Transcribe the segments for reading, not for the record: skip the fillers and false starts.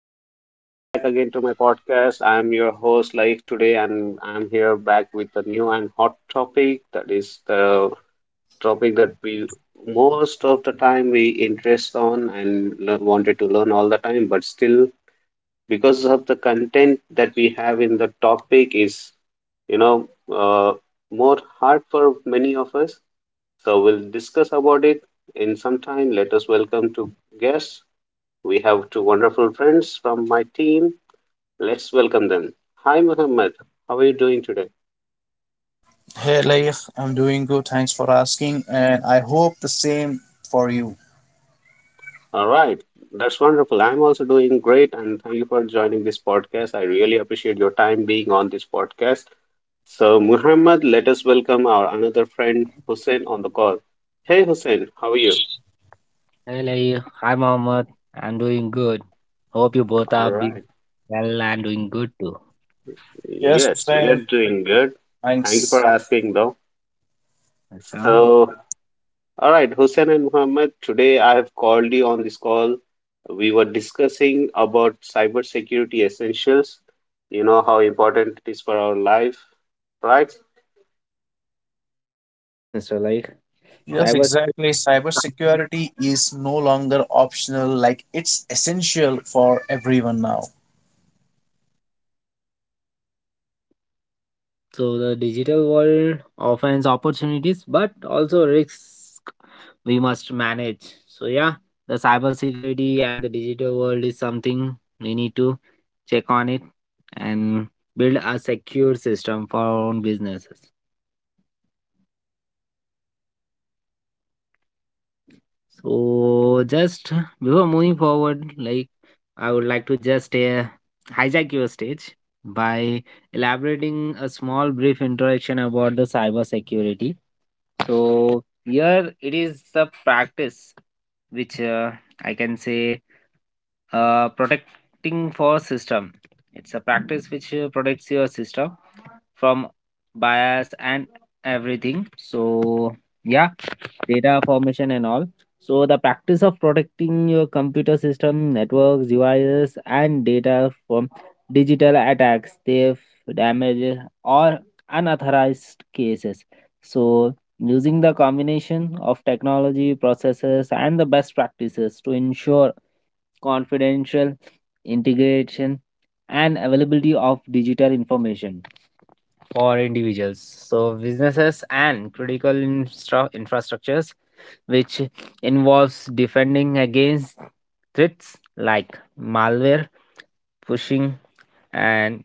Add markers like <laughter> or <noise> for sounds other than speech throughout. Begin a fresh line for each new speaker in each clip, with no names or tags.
Hi, welcome back again to my podcast. I'm your host, Laik, today, and I'm here back with a new and hot topic. That is the topic that we most of the time we interest on and wanted to learn all the time, but still, because of the content that we have in the topic, is you know uh, more hard for many of us. So we'll discuss about it in some time. Let us welcome to guests. We have two wonderful friends from my team. Let's welcome them. Hi, Muhammad. How are you doing today?
Hey, Leif, I'm doing good. Thanks for asking, and I hope the same for you.
All right. That's wonderful. I'm also doing great. And thank you for joining this podcast. I really appreciate your time being on this podcast. So, Muhammad, let us welcome our another friend, Hussein, on the call. Hey, Hussein, how are you?
Hey, Lai. Hi, Mohammed. I'm doing good. Hope you both
All
are being
right.
well and doing good too.
Yes,
Yes, we are
Hussein.
doing good. Thank you
Thanks.
for asking, though.
Welcome.
So, All right, Hussein and Muhammad, today I have called you on this call. We were discussing about cybersecurity essentials, you know, how important it is for our life, right?
Yes, Mr. Like.
Yes,
Cyber
exactly. Cybersecurity is no longer optional, like it's essential for everyone now.
So the digital world offers opportunities but also risks we must manage. So yeah, the cybersecurity and the digital world is something we need to check on it and build a secure system for our own businesses. So just before moving forward, like I would like to just hijack your stage by elaborating a small brief introduction about the cybersecurity. So here it is the practice which I can say protecting for system. It's a practice which protects your system from bias and everything. So yeah, data formation and all. So the practice of protecting your computer system, networks, devices, and data from digital attacks, theft, damage, or unauthorized cases. So using the combination of technology processes and the best practices to ensure confidential integration and availability of digital information for individuals. So, businesses and critical infrastructures, which involves defending against threats like malware, phishing, and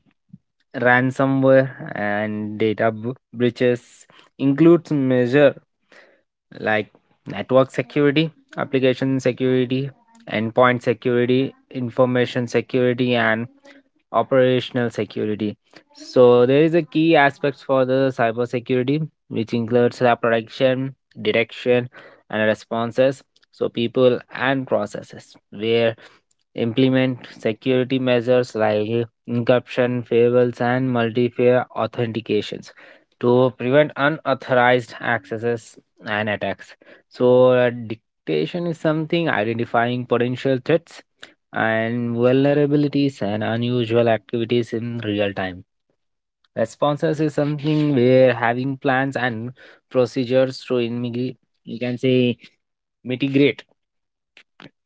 ransomware and breaches includes measure like network security, application security, endpoint security, information security, and operational security. So there is a key aspects for the cybersecurity, which includes threat protection, detection, and responses. So people and processes where implement security measures like encryption, firewalls, and multi-factor authentications to prevent unauthorized accesses and attacks. So dictation is something identifying potential threats and vulnerabilities and unusual activities in real time. Responses is something where having plans and procedures to immigrate, you can say mitigate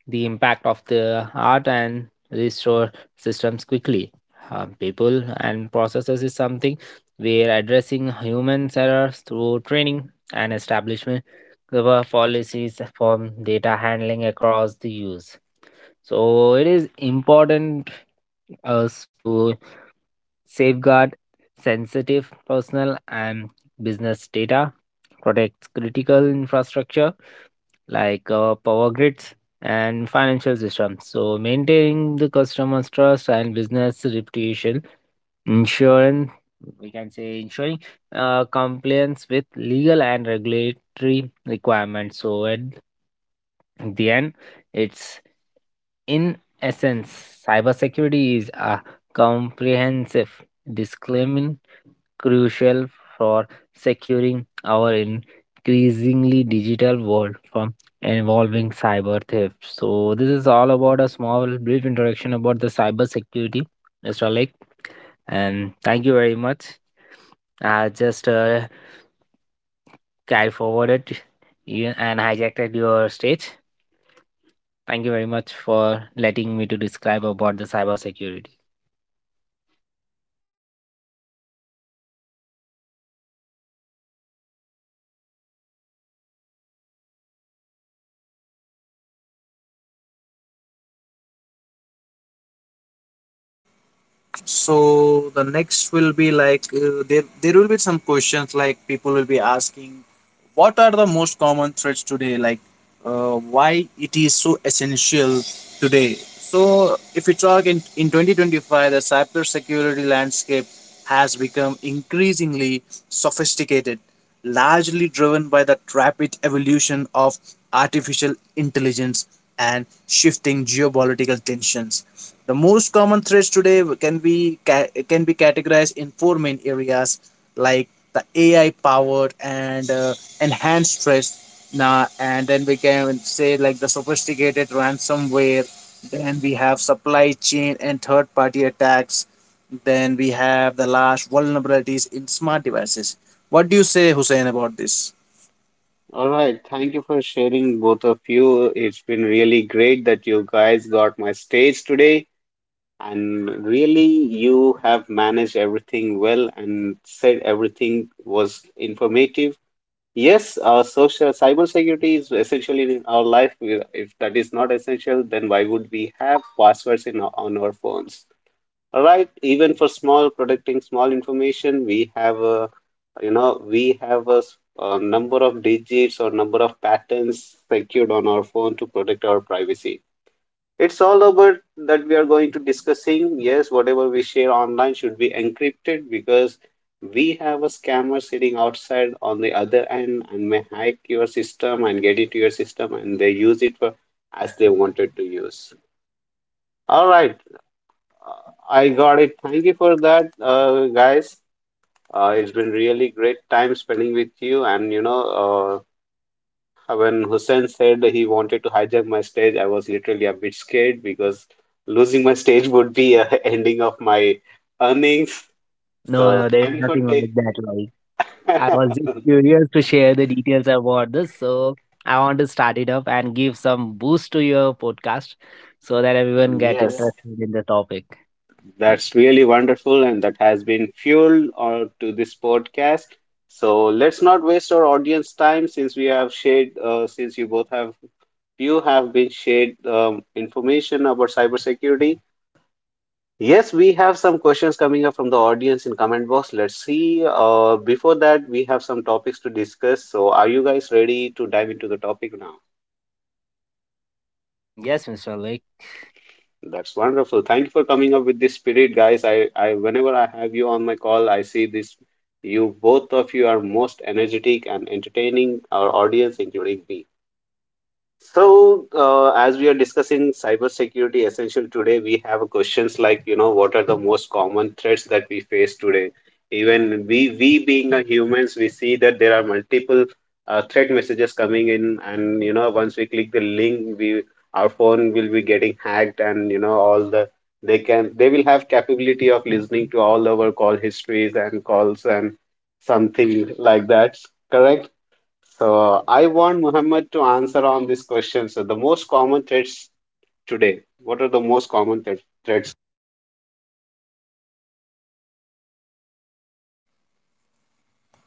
the impact of the art and restore systems quickly. People and processes is something where addressing human errors through training and establishment of policies for data handling across the use. So it is important us to safeguard sensitive personal and business data, protects critical infrastructure like power grids and financial systems. So, maintaining the customer's trust and business reputation, ensuring we can say ensuring compliance with legal and regulatory requirements. So, at the end, it's in essence, cybersecurity is a comprehensive disclaiming crucial for securing our increasingly digital world from involving cyber theft. So this is all about a small brief introduction about the cybersecurity, Mr. Lake, and thank you very much. I just carried forwarded you and hijacked your stage. Thank you very much for letting me to describe about the cybersecurity.
So the next will be like there will be some questions like people will be asking what are the most common threats today, like why it is so essential today. So if we talk in 2025, the cybersecurity landscape has become increasingly sophisticated, largely driven by the rapid evolution of artificial intelligence and shifting geopolitical tensions. The most common threats today can be can be categorized in four main areas, like the AI powered and enhanced trust. Now, and then we can say like the sophisticated ransomware. Then we have supply chain and third party attacks. Then we have the last vulnerabilities in smart devices. What do you say, Hussein, about this?
All right, thank you for sharing, both of you. It's been really great that you guys got my stage today, and really, you have managed everything well and said everything was informative. Yes, social cybersecurity is essential in our life. If that is not essential, then why would we have passwords in our, on our phones? Right? Even for small protecting small information, we have a, you know, we have a, a number of digits or number of patterns secured on our phone to protect our privacy. It's all about that we are going to discussing. Yes, whatever we share online should be encrypted because we have a scammer sitting outside on the other end and may hack your system and get into your system and they use it for as they wanted to use. All right, I got it. Thank you for that, guys. It's been really great time spending with you, and uh, When Hussein said he wanted to hijack my stage, I was literally a bit scared because losing my stage would be a <laughs> ending of my earnings.
No, no,
So
there is
thank you for
nothing like
taking.
that. Like, I was just
<laughs>
curious to share the details about this, so I want to start it up and give some boost to your podcast so that everyone get
Yes,
interested in the topic.
that's really wonderful, and that has been fuel or to this podcast. So let's not waste our audience time since we have shared, since you both have you have been shared information about cybersecurity. Yes, we have some questions coming up from the audience in comment box. Let's see. Before that, we have some topics to discuss. So, are you guys ready to dive into the topic now?
Yes, Mr. Lake.
That's wonderful. Thank you for coming up with this spirit, guys. I whenever I have you on my call, I see this. You both of you are most energetic and entertaining our audience, including me. So, as we are discussing cybersecurity essential today, we have questions like, you know, what are the most common threats that we face today? Even we being a humans, we see that there are multiple threat messages coming in, and you know, once we click the link, we our phone will be getting hacked, and you know, all the they will have capability of listening to all our call histories and calls and something like that. Correct? So I want Muhammad to answer on this question. So the most common threats today. What are the most common threats?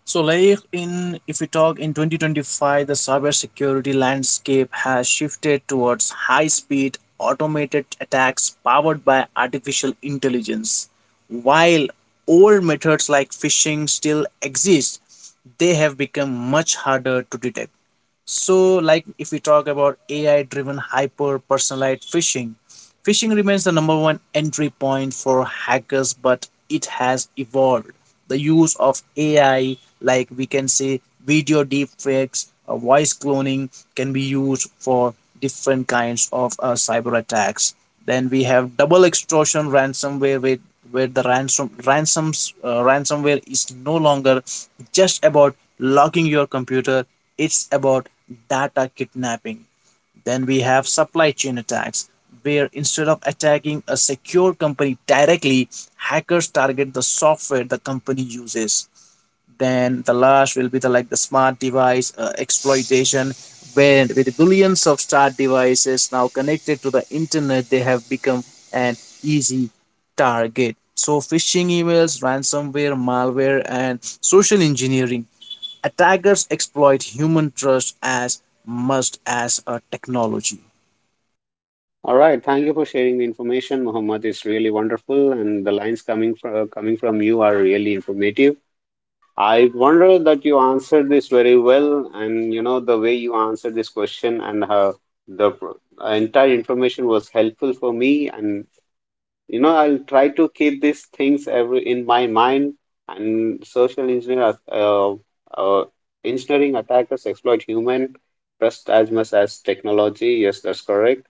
So, like in if we talk in 2025, the cybersecurity landscape has shifted towards high-speed automated attacks powered by artificial intelligence. While old methods like phishing still exist, they have become much harder to detect. So, like if we talk about AI driven hyper personalized phishing, phishing remains the number one entry point for hackers, but it has evolved. The use of AI, like we can say video deepfakes or voice cloning, can be used for different kinds of cyber attacks. Then we have double extortion ransomware, where the ransomware is no longer just about locking your computer, it's about data kidnapping. Then we have supply chain attacks, where instead of attacking a secure company directly, hackers target the software the company uses. Then the last will be the like the smart device exploitation, where with billions of smart devices now connected to the internet, they have become an easy target. So phishing emails, ransomware, malware, and social engineering attackers exploit human trust as much as a technology.
All right. Thank you for sharing the information, Muhammad. It's really wonderful, and the lines coming from you are really informative. I wonder that you answered this very well, and you know the way you answered this question and how the entire information was helpful for me. And you know I'll try to keep these things every in my mind and social engineer uh, engineering attackers exploit human trust as much as technology. Yes, that's correct.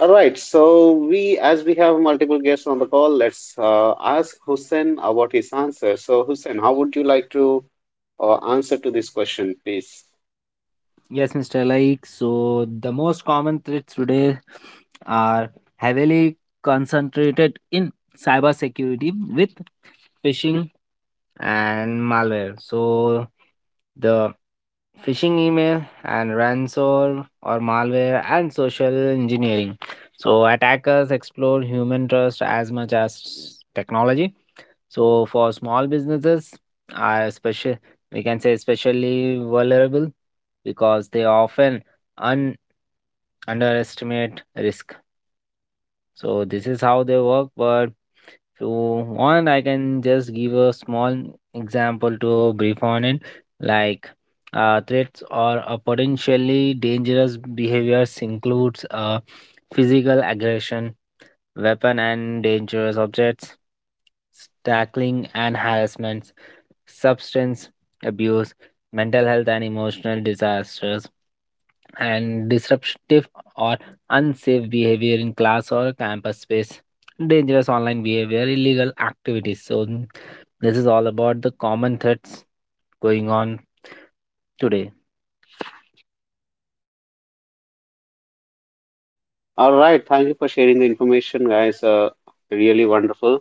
All right, so we as we have multiple guests on the call, let's ask Hussein about his answer. So Hussein, how would you like to answer to this question, please?
Yes, Mr. Like, so the most common threats today are heavily concentrated in cybersecurity with phishing and malware. So the phishing email and ransom or malware and social engineering. So attackers explore human trust as much as technology. So for small businesses are special, we can say especially vulnerable because they often un- underestimate risk. So this is how they work. But if you want, I can just give a small example to brief on it, like. Threats or a potentially dangerous behaviors includes physical aggression, weapon and dangerous objects, tackling and harassment, substance abuse, mental health and emotional disasters, and disruptive or unsafe behavior in class or campus space, dangerous online behavior, illegal activities. So, mm, this is all about the common threats going on today.
All right, thank you for sharing the information, guys, really wonderful.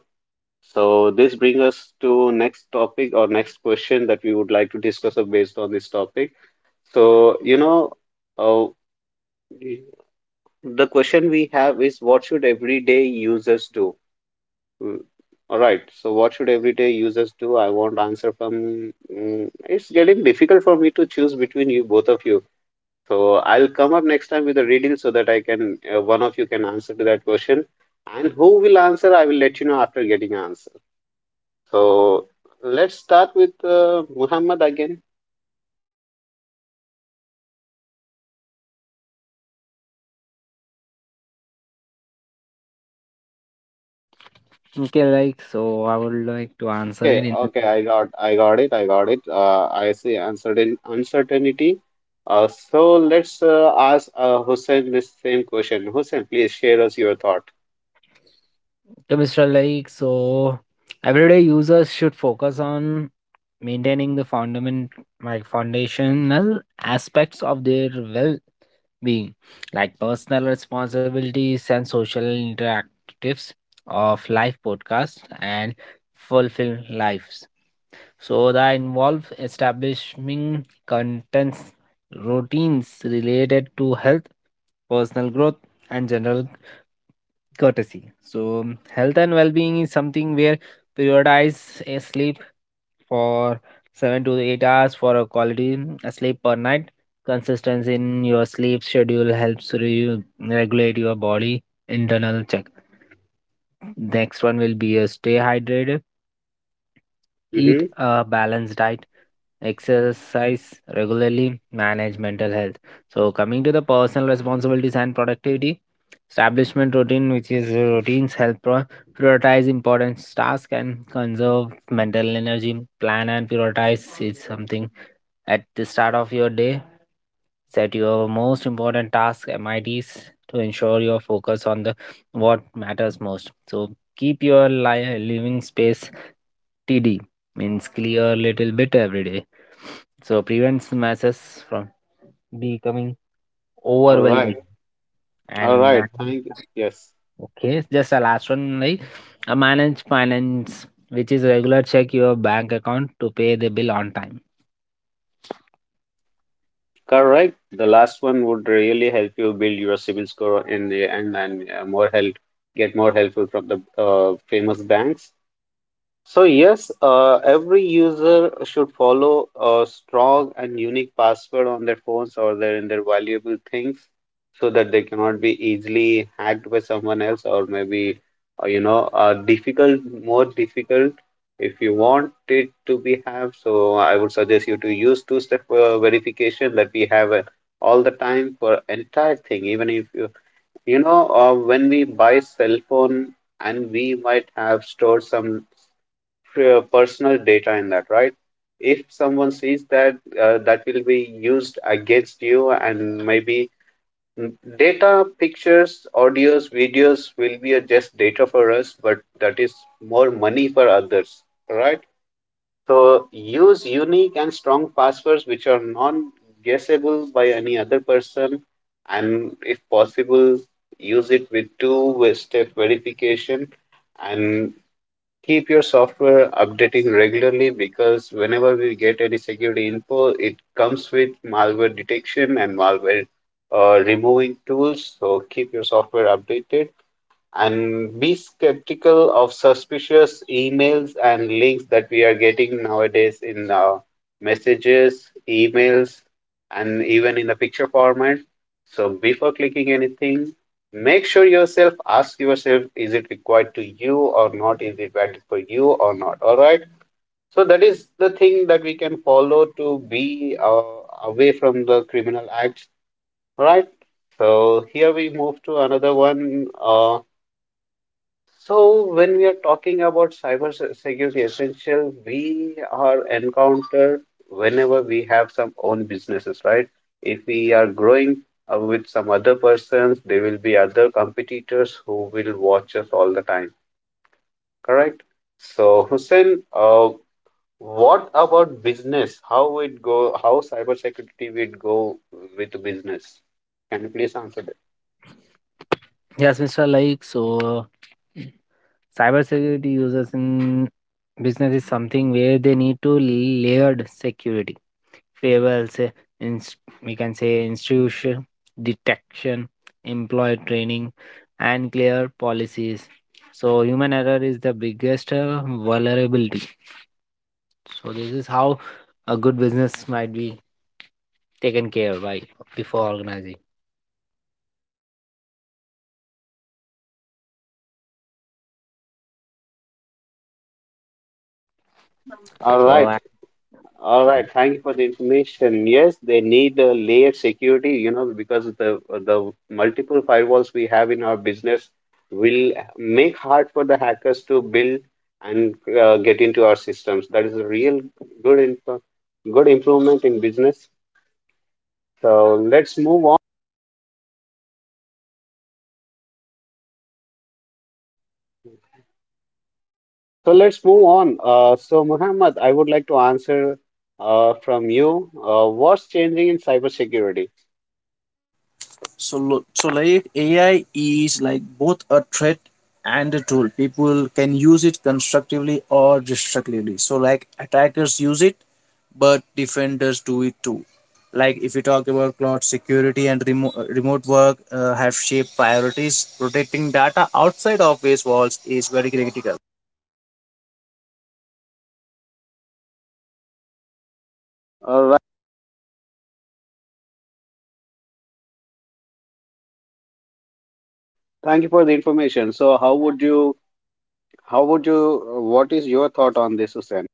So this brings us to next topic or next question that we would like to discuss based on this topic. So, you know, uh, the question we have is what should everyday users do? Mm, All right. So what should everyday users do? I want answer from. It's getting difficult for me to choose between you both of you. So I'll come up next time with a riddle so that I can one of you can answer to that question. And who will answer, I will let you know after getting answer. So let's start with Muhammad again.
Okay, like, so I would like to answer it
Okay,
in
okay, I got it. I see uncertainty. So let's ask Hussein this same question. Hussein, please share us your thought.
to Mr. Like, so everyday users should focus on maintaining the fundament, like foundational aspects of their well-being, like personal responsibilities and social interactives of life podcasts and fulfill lives. So that involve establishing contents, routines related to health, personal growth, and general courtesy. So health and well-being is something where prioritize a sleep for 7 to 8 hours for a quality sleep per night. Consistency in your sleep schedule helps you regulate your body internal check. Next one will be a stay hydrated. Eat
Mm-hmm.
a balanced diet, exercise regularly, manage mental health. So, coming to the personal responsibilities and productivity, establishment routine, which is routines help prioritize important tasks and conserve mental energy. Plan and prioritize is something at the start of your day, set your most important task MIDs to ensure your focus on the what matters most. So keep your living space TD means clear a little bit every day. So prevents masses from becoming
All
overwhelming,
right, all
and
right.
man-
Thank you. Yes,
okay, just a last one, like a manage finance, which is regular check your bank account to pay the bill on time.
correct. The last one would really help you build your civil score in the end and more help, get more helpful from the famous banks. So yes, every user should follow a strong and unique password on their phones or their in their valuable things, so that they cannot be easily hacked by someone else or maybe more difficult. If you want it to be have, so I would suggest you to use two-step verification that we have all the time for entire thing. Even if you you know when we buy cell phone and we might have stored some personal data in that, right? If someone sees that, that will be used against you, and maybe mm, data, pictures, audios, videos will be a just data for us, but that is more money for others, right? So use unique and strong passwords which are non-guessable by any other person, and if possible, use it with two-step verification and keep your software updating regularly because whenever we get any security info, it comes with malware detection and malware removing tools. So keep your software updated and be skeptical of suspicious emails and links that we are getting nowadays in messages, emails, and even in the picture format. So before clicking anything, make sure yourself ask yourself is it required to you or not? Is it valid for you or not? All right. So that is the thing that we can follow to be away from the criminal acts. All right. So here we move to another one. So, when we are talking about security essential, we are encountered whenever we have some own businesses, right? If we are growing with some other persons, there will be other competitors who will watch us all the time, correct? So, Hussein, what about business? How it go? How cyber security would go with business? Can you please answer that?
Yes, Mr. Like, so uh, cybersecurity users in business is something where they need to layered security, firewalls, inst- we can say institution detection, employee training, and clear policies. So human error is the biggest vulnerability. So this is how a good business might be taken care by before organizing.
All
So I-
right. All
okay.
right, thank you for the information. Yes, they need a layered security, you know, because the multiple firewalls we have in our business will make hard for the hackers to build and get into our systems. That is a real good imp- good improvement in business. So let's move on. So let's move on. So Muhammad, I would like to answer from you. What's changing in cybersecurity?
So, so like AI is like both a threat and a tool. People can use it constructively or destructively. So, like attackers use it, but defenders do it too. Like if you talk about cloud security and remote work have shaped priorities. Protecting data outside office walls is very critical.
All right. Thank you for the information. So, how would you? What is your thought on this, Hussein?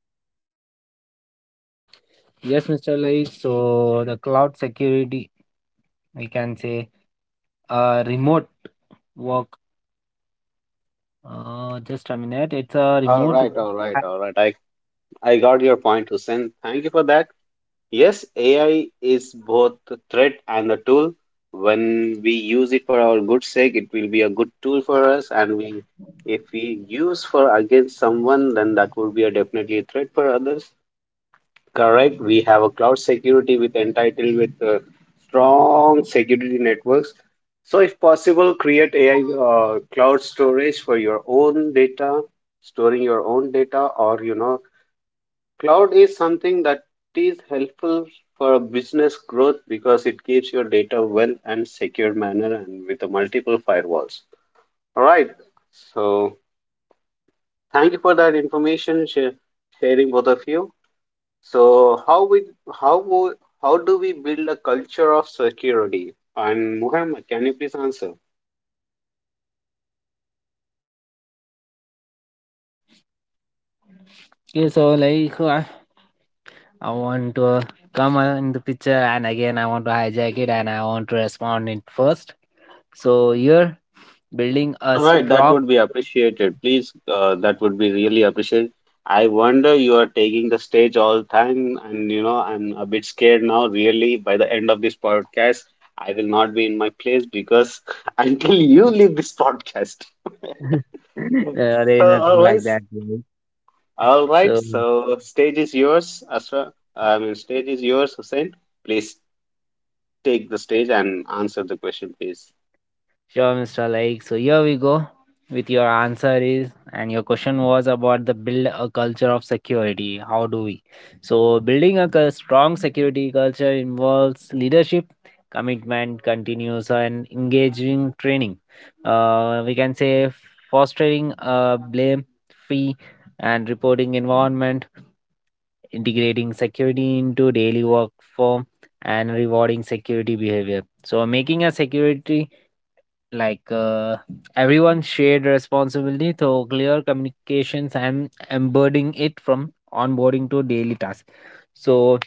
Yes, Mr. Lai. So the cloud security, we can say, remote work. Just a minute. It's a
All
remote.
right, all right, all right. I got your point, Hussein. Thank you for that. Yes, AI is both the threat and the tool. When we use it for our good sake, it will be a good tool for us, and we if we use for against someone, then that would be a definitely a threat for others. Correct. We have a cloud security with entitled with strong security networks. So, if possible, create AI cloud storage for your own data, storing your own data, or you know, cloud is something that is helpful for a business growth because it keeps your data well and secure manner and with the multiple firewalls. All right. So, thank you for that information sharing both of you. So how wo- how do we build a culture of security? And Muhammad, can you please answer?
Okay, so like I want to come in the picture, and again I want to hijack it, and I want to respond it first. So you're building a
All right, that
strong.
would be appreciated. Please, that would be really appreciated. I wonder you are taking the stage all time, and you know, I'm a bit scared now. Really, by the end of this podcast, I will not be in my place because <laughs> until you leave this podcast.
<laughs> Uh, there
So
is nothing like
always,
that. Really.
all right.
So
So stage is yours, Asra. Stage is yours, Hussein. Please take the stage and answer the question, please.
sure, Mr. Like. So here we go with your answer is, and your question was about the build a culture of security. How do we? So building a strong security culture involves leadership, commitment, continuous and engaging training. We can say fostering a blame-free and reporting environment, integrating security into daily work form, and rewarding security behavior. So making a security like everyone shared responsibility through clear communications and embedding it from onboarding to daily tasks, so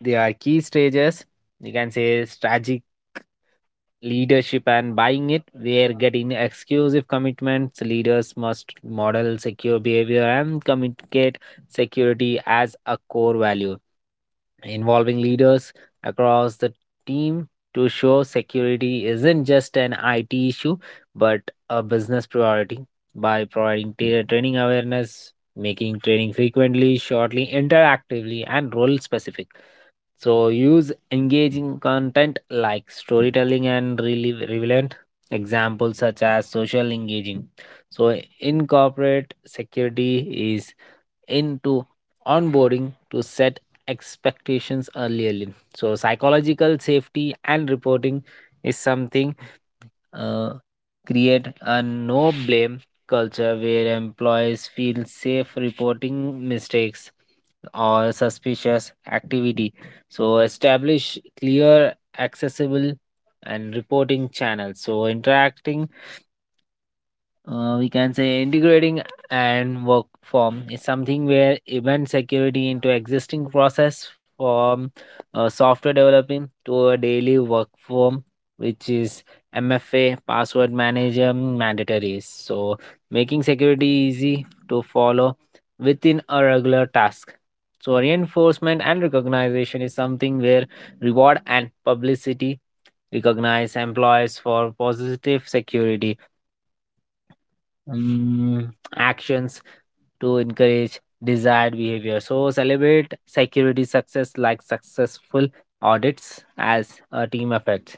there are key stages, you can say strategic leadership and buying it where getting exclusive commitments. Leaders must model secure behavior and communicate security as a core value, involving leaders across the team to show security isn't just an IT issue but a business priority by providing training awareness, making training frequently, shortly, interactively, and role specific. So, use engaging content like storytelling and really relevant examples such as social engaging. So, incorporate security is into onboarding to set expectations early. So, psychological safety and reporting is something, uh, create a no blame culture where employees feel safe reporting mistakes or suspicious activity. So, establish clear, accessible, and reporting channels. So, interacting, we can say integrating and work form is something where event security into existing process from software developing to a daily work form, which is MFA password manager mandatory, so making security easy to follow within a regular task. So reinforcement and recognition is something where reward and publicity recognize employees for positive security, mm, actions to encourage desired behavior. So celebrate security success like successful audits as a team effort.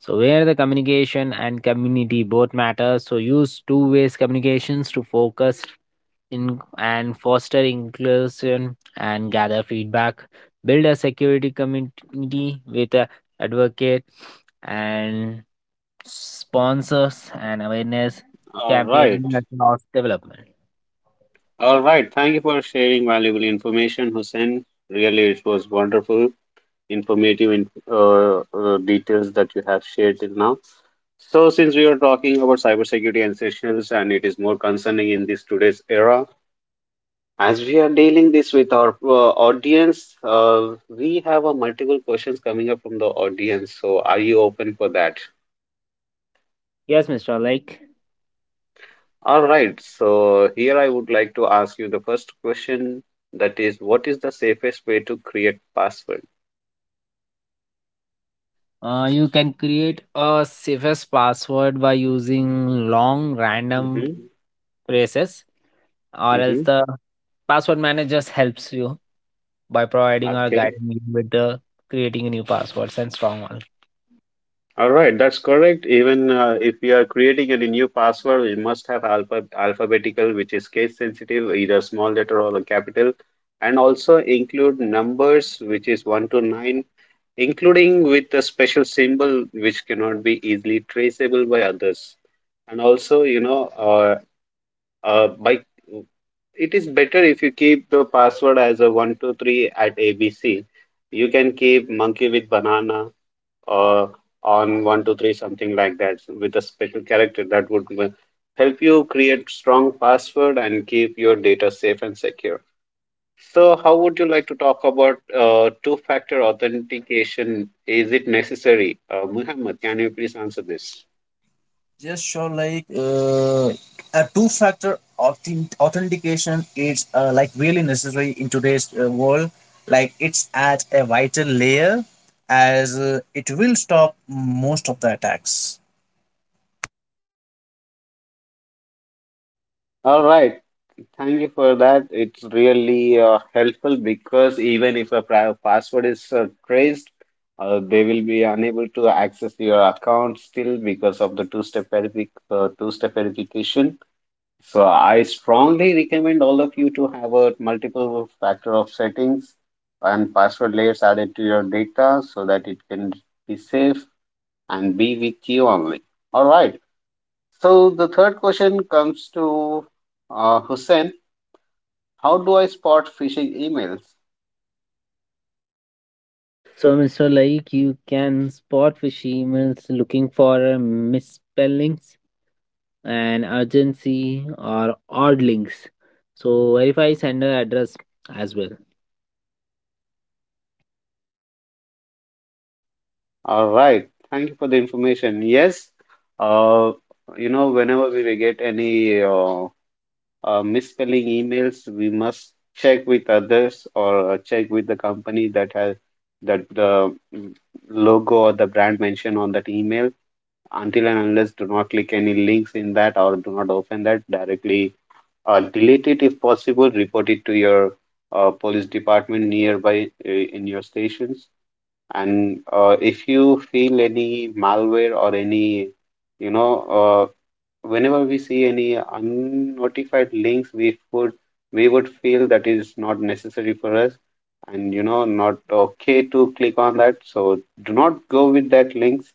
So where the communication and community both matter, so use two ways communications to focus in and foster inclusion and gather feedback. Build a security community with a advocate and sponsors and awareness
All right.
campaign across development.
All right, thank you for sharing valuable information, Hussein. Really, it was wonderful, informative in details that you have shared till now. So since we are talking about cybersecurity and essentials, and it is more concerning in this today's era, as we are dealing this with our audience, we have a multiple questions coming up from the audience. So, are you open for that?
Yes, Mr. Like,
All right, so here I would like to ask you the first question, that is, what is the safest way to create password?
you can create a safest password by using long random
Mm-hmm.
phrases or else
Mm-hmm.
the password managers helps you by providing or
Okay.
guiding you with the creating new passwords and strong ones.
All right, that's correct. Even if we are creating any new password, we must have alphabetical, which is case sensitive, either small letter or a capital, and also include numbers, which is one to nine, including with a special symbol which cannot be easily traceable by others. And also, you know, by it is better if you keep the password as a 1 2 3 at ABC. You can keep monkey with banana or on 1 2 3 something like that with a special character that would help you create strong password and keep your data safe and secure. So how would you like to talk about two factor authentication? Is it necessary? Muhammad, can you please answer this?
Just sure, like a authentication is like really necessary in today's world. Like it's at a vital layer, as it will stop most of the attacks.
All right, thank you for that. It's really helpful because even if a password is traced, they will be unable to access your account still because of the two-step verification. So I strongly recommend all of you to have a multiple factor of settings and password layers added to your data so that it can be safe and be with you only. All right. So the third question comes to Hussein. How do I spot phishing emails?
So, Mr. Laik, you can spot fishy emails looking for misspellings and urgency or odd links. So, verify sender address as well.
All right, thank you for the information. Yes, uh, you know, whenever we will get any misspelling emails, we must check with others or check with the company that has that the logo or the brand mentioned on that email. Until and unless, do not click any links in that or do not open that directly. Delete it if possible. Report it to your police department nearby in your stations. And if you feel any malware or any, you know, whenever we see any unnotified links, we would feel that is not necessary for us, and not okay to click on that. So do not go with that links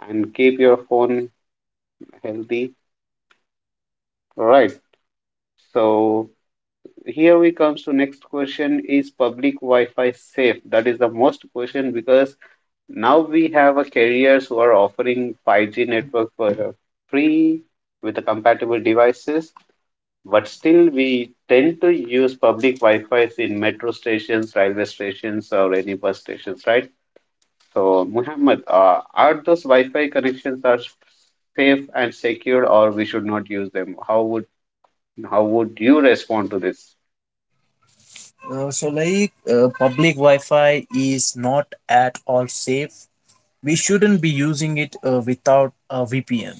and keep your phone healthy. Right. So here we comes to next question: is public Wi-Fi safe? That is the most question because now we have a carriers who are offering 5G network for free with the compatible devices, but still we tend to use public Wi-Fi's in metro stations, railway stations, or any bus stations, right? So, Muhammad, are those Wi-Fi connections are safe and secure, or we should not use them? How would you respond to this?
So, like public Wi-Fi is not at all safe. We shouldn't be using it without a VPN,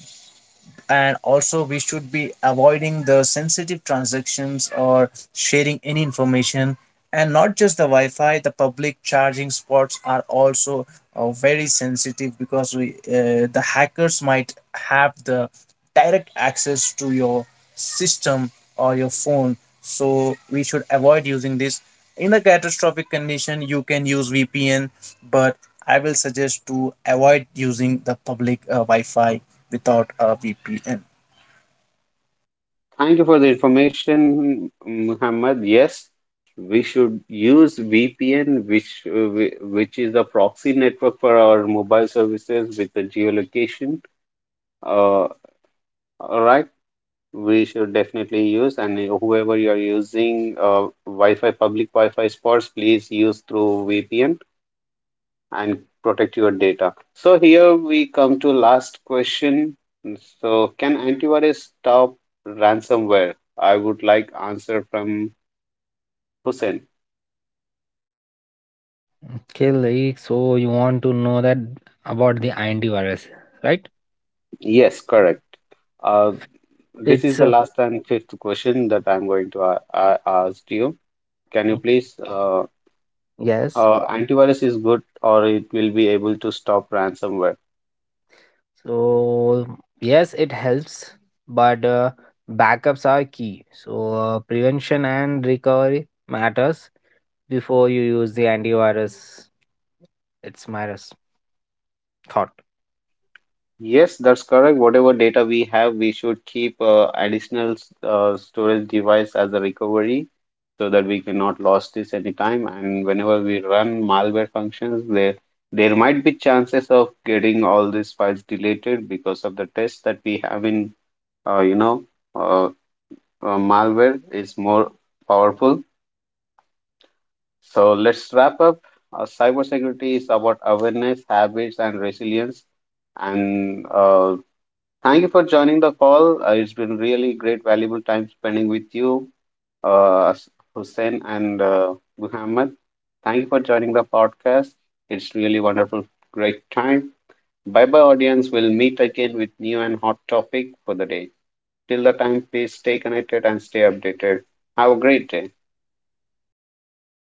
and also we should be avoiding the sensitive transactions or sharing any information. And not just the Wi-Fi, the public charging spots are also very sensitive, because we the hackers might have the direct access to your system or your phone, so we should avoid using this. In a catastrophic condition, you can use VPN, but I will suggest to avoid using the public Wi-Fi without a VPN.
Thank you for the information, Muhammad. Yes, we should use VPN, which which is a proxy network for our mobile services with the geolocation. Uh, all right, we should definitely use, and whoever you are using Wi-Fi, public Wi-Fi spots, please use through VPN and protect your data. So here we come to last question. So can antivirus stop ransomware? I would like answer from Hussein,
Okay, like, so you want to know that about the antivirus, right?
yes, correct. Uh, this is
It's
the last and fifth question that I'm going to ask you. Can you
Okay.
please,
Yes.
antivirus is good or it will be able to stop ransomware?
So yes, it helps, but backups are key. So prevention and recovery matters before you use the antivirus. It's my res- Thought.
Yes, that's correct. Whatever data we have, we should keep additional storage device as a recovery so that we cannot lose this anytime. And whenever we run malware functions, there might be chances of getting all these files deleted because of the tests that we have in uh, you know, uh, malware is more powerful. So let's wrap up. Cybersecurity is about awareness, habits, and resilience. And thank you for joining the call. It's been really great, valuable time spending with you, uh, Hussein and Muhammad. Thank you for joining the podcast. It's really wonderful, great time. Bye bye, audience. We'll meet again with new and hot topic for the day. Till the time, please stay connected and stay updated. Have a great day.
Thank you.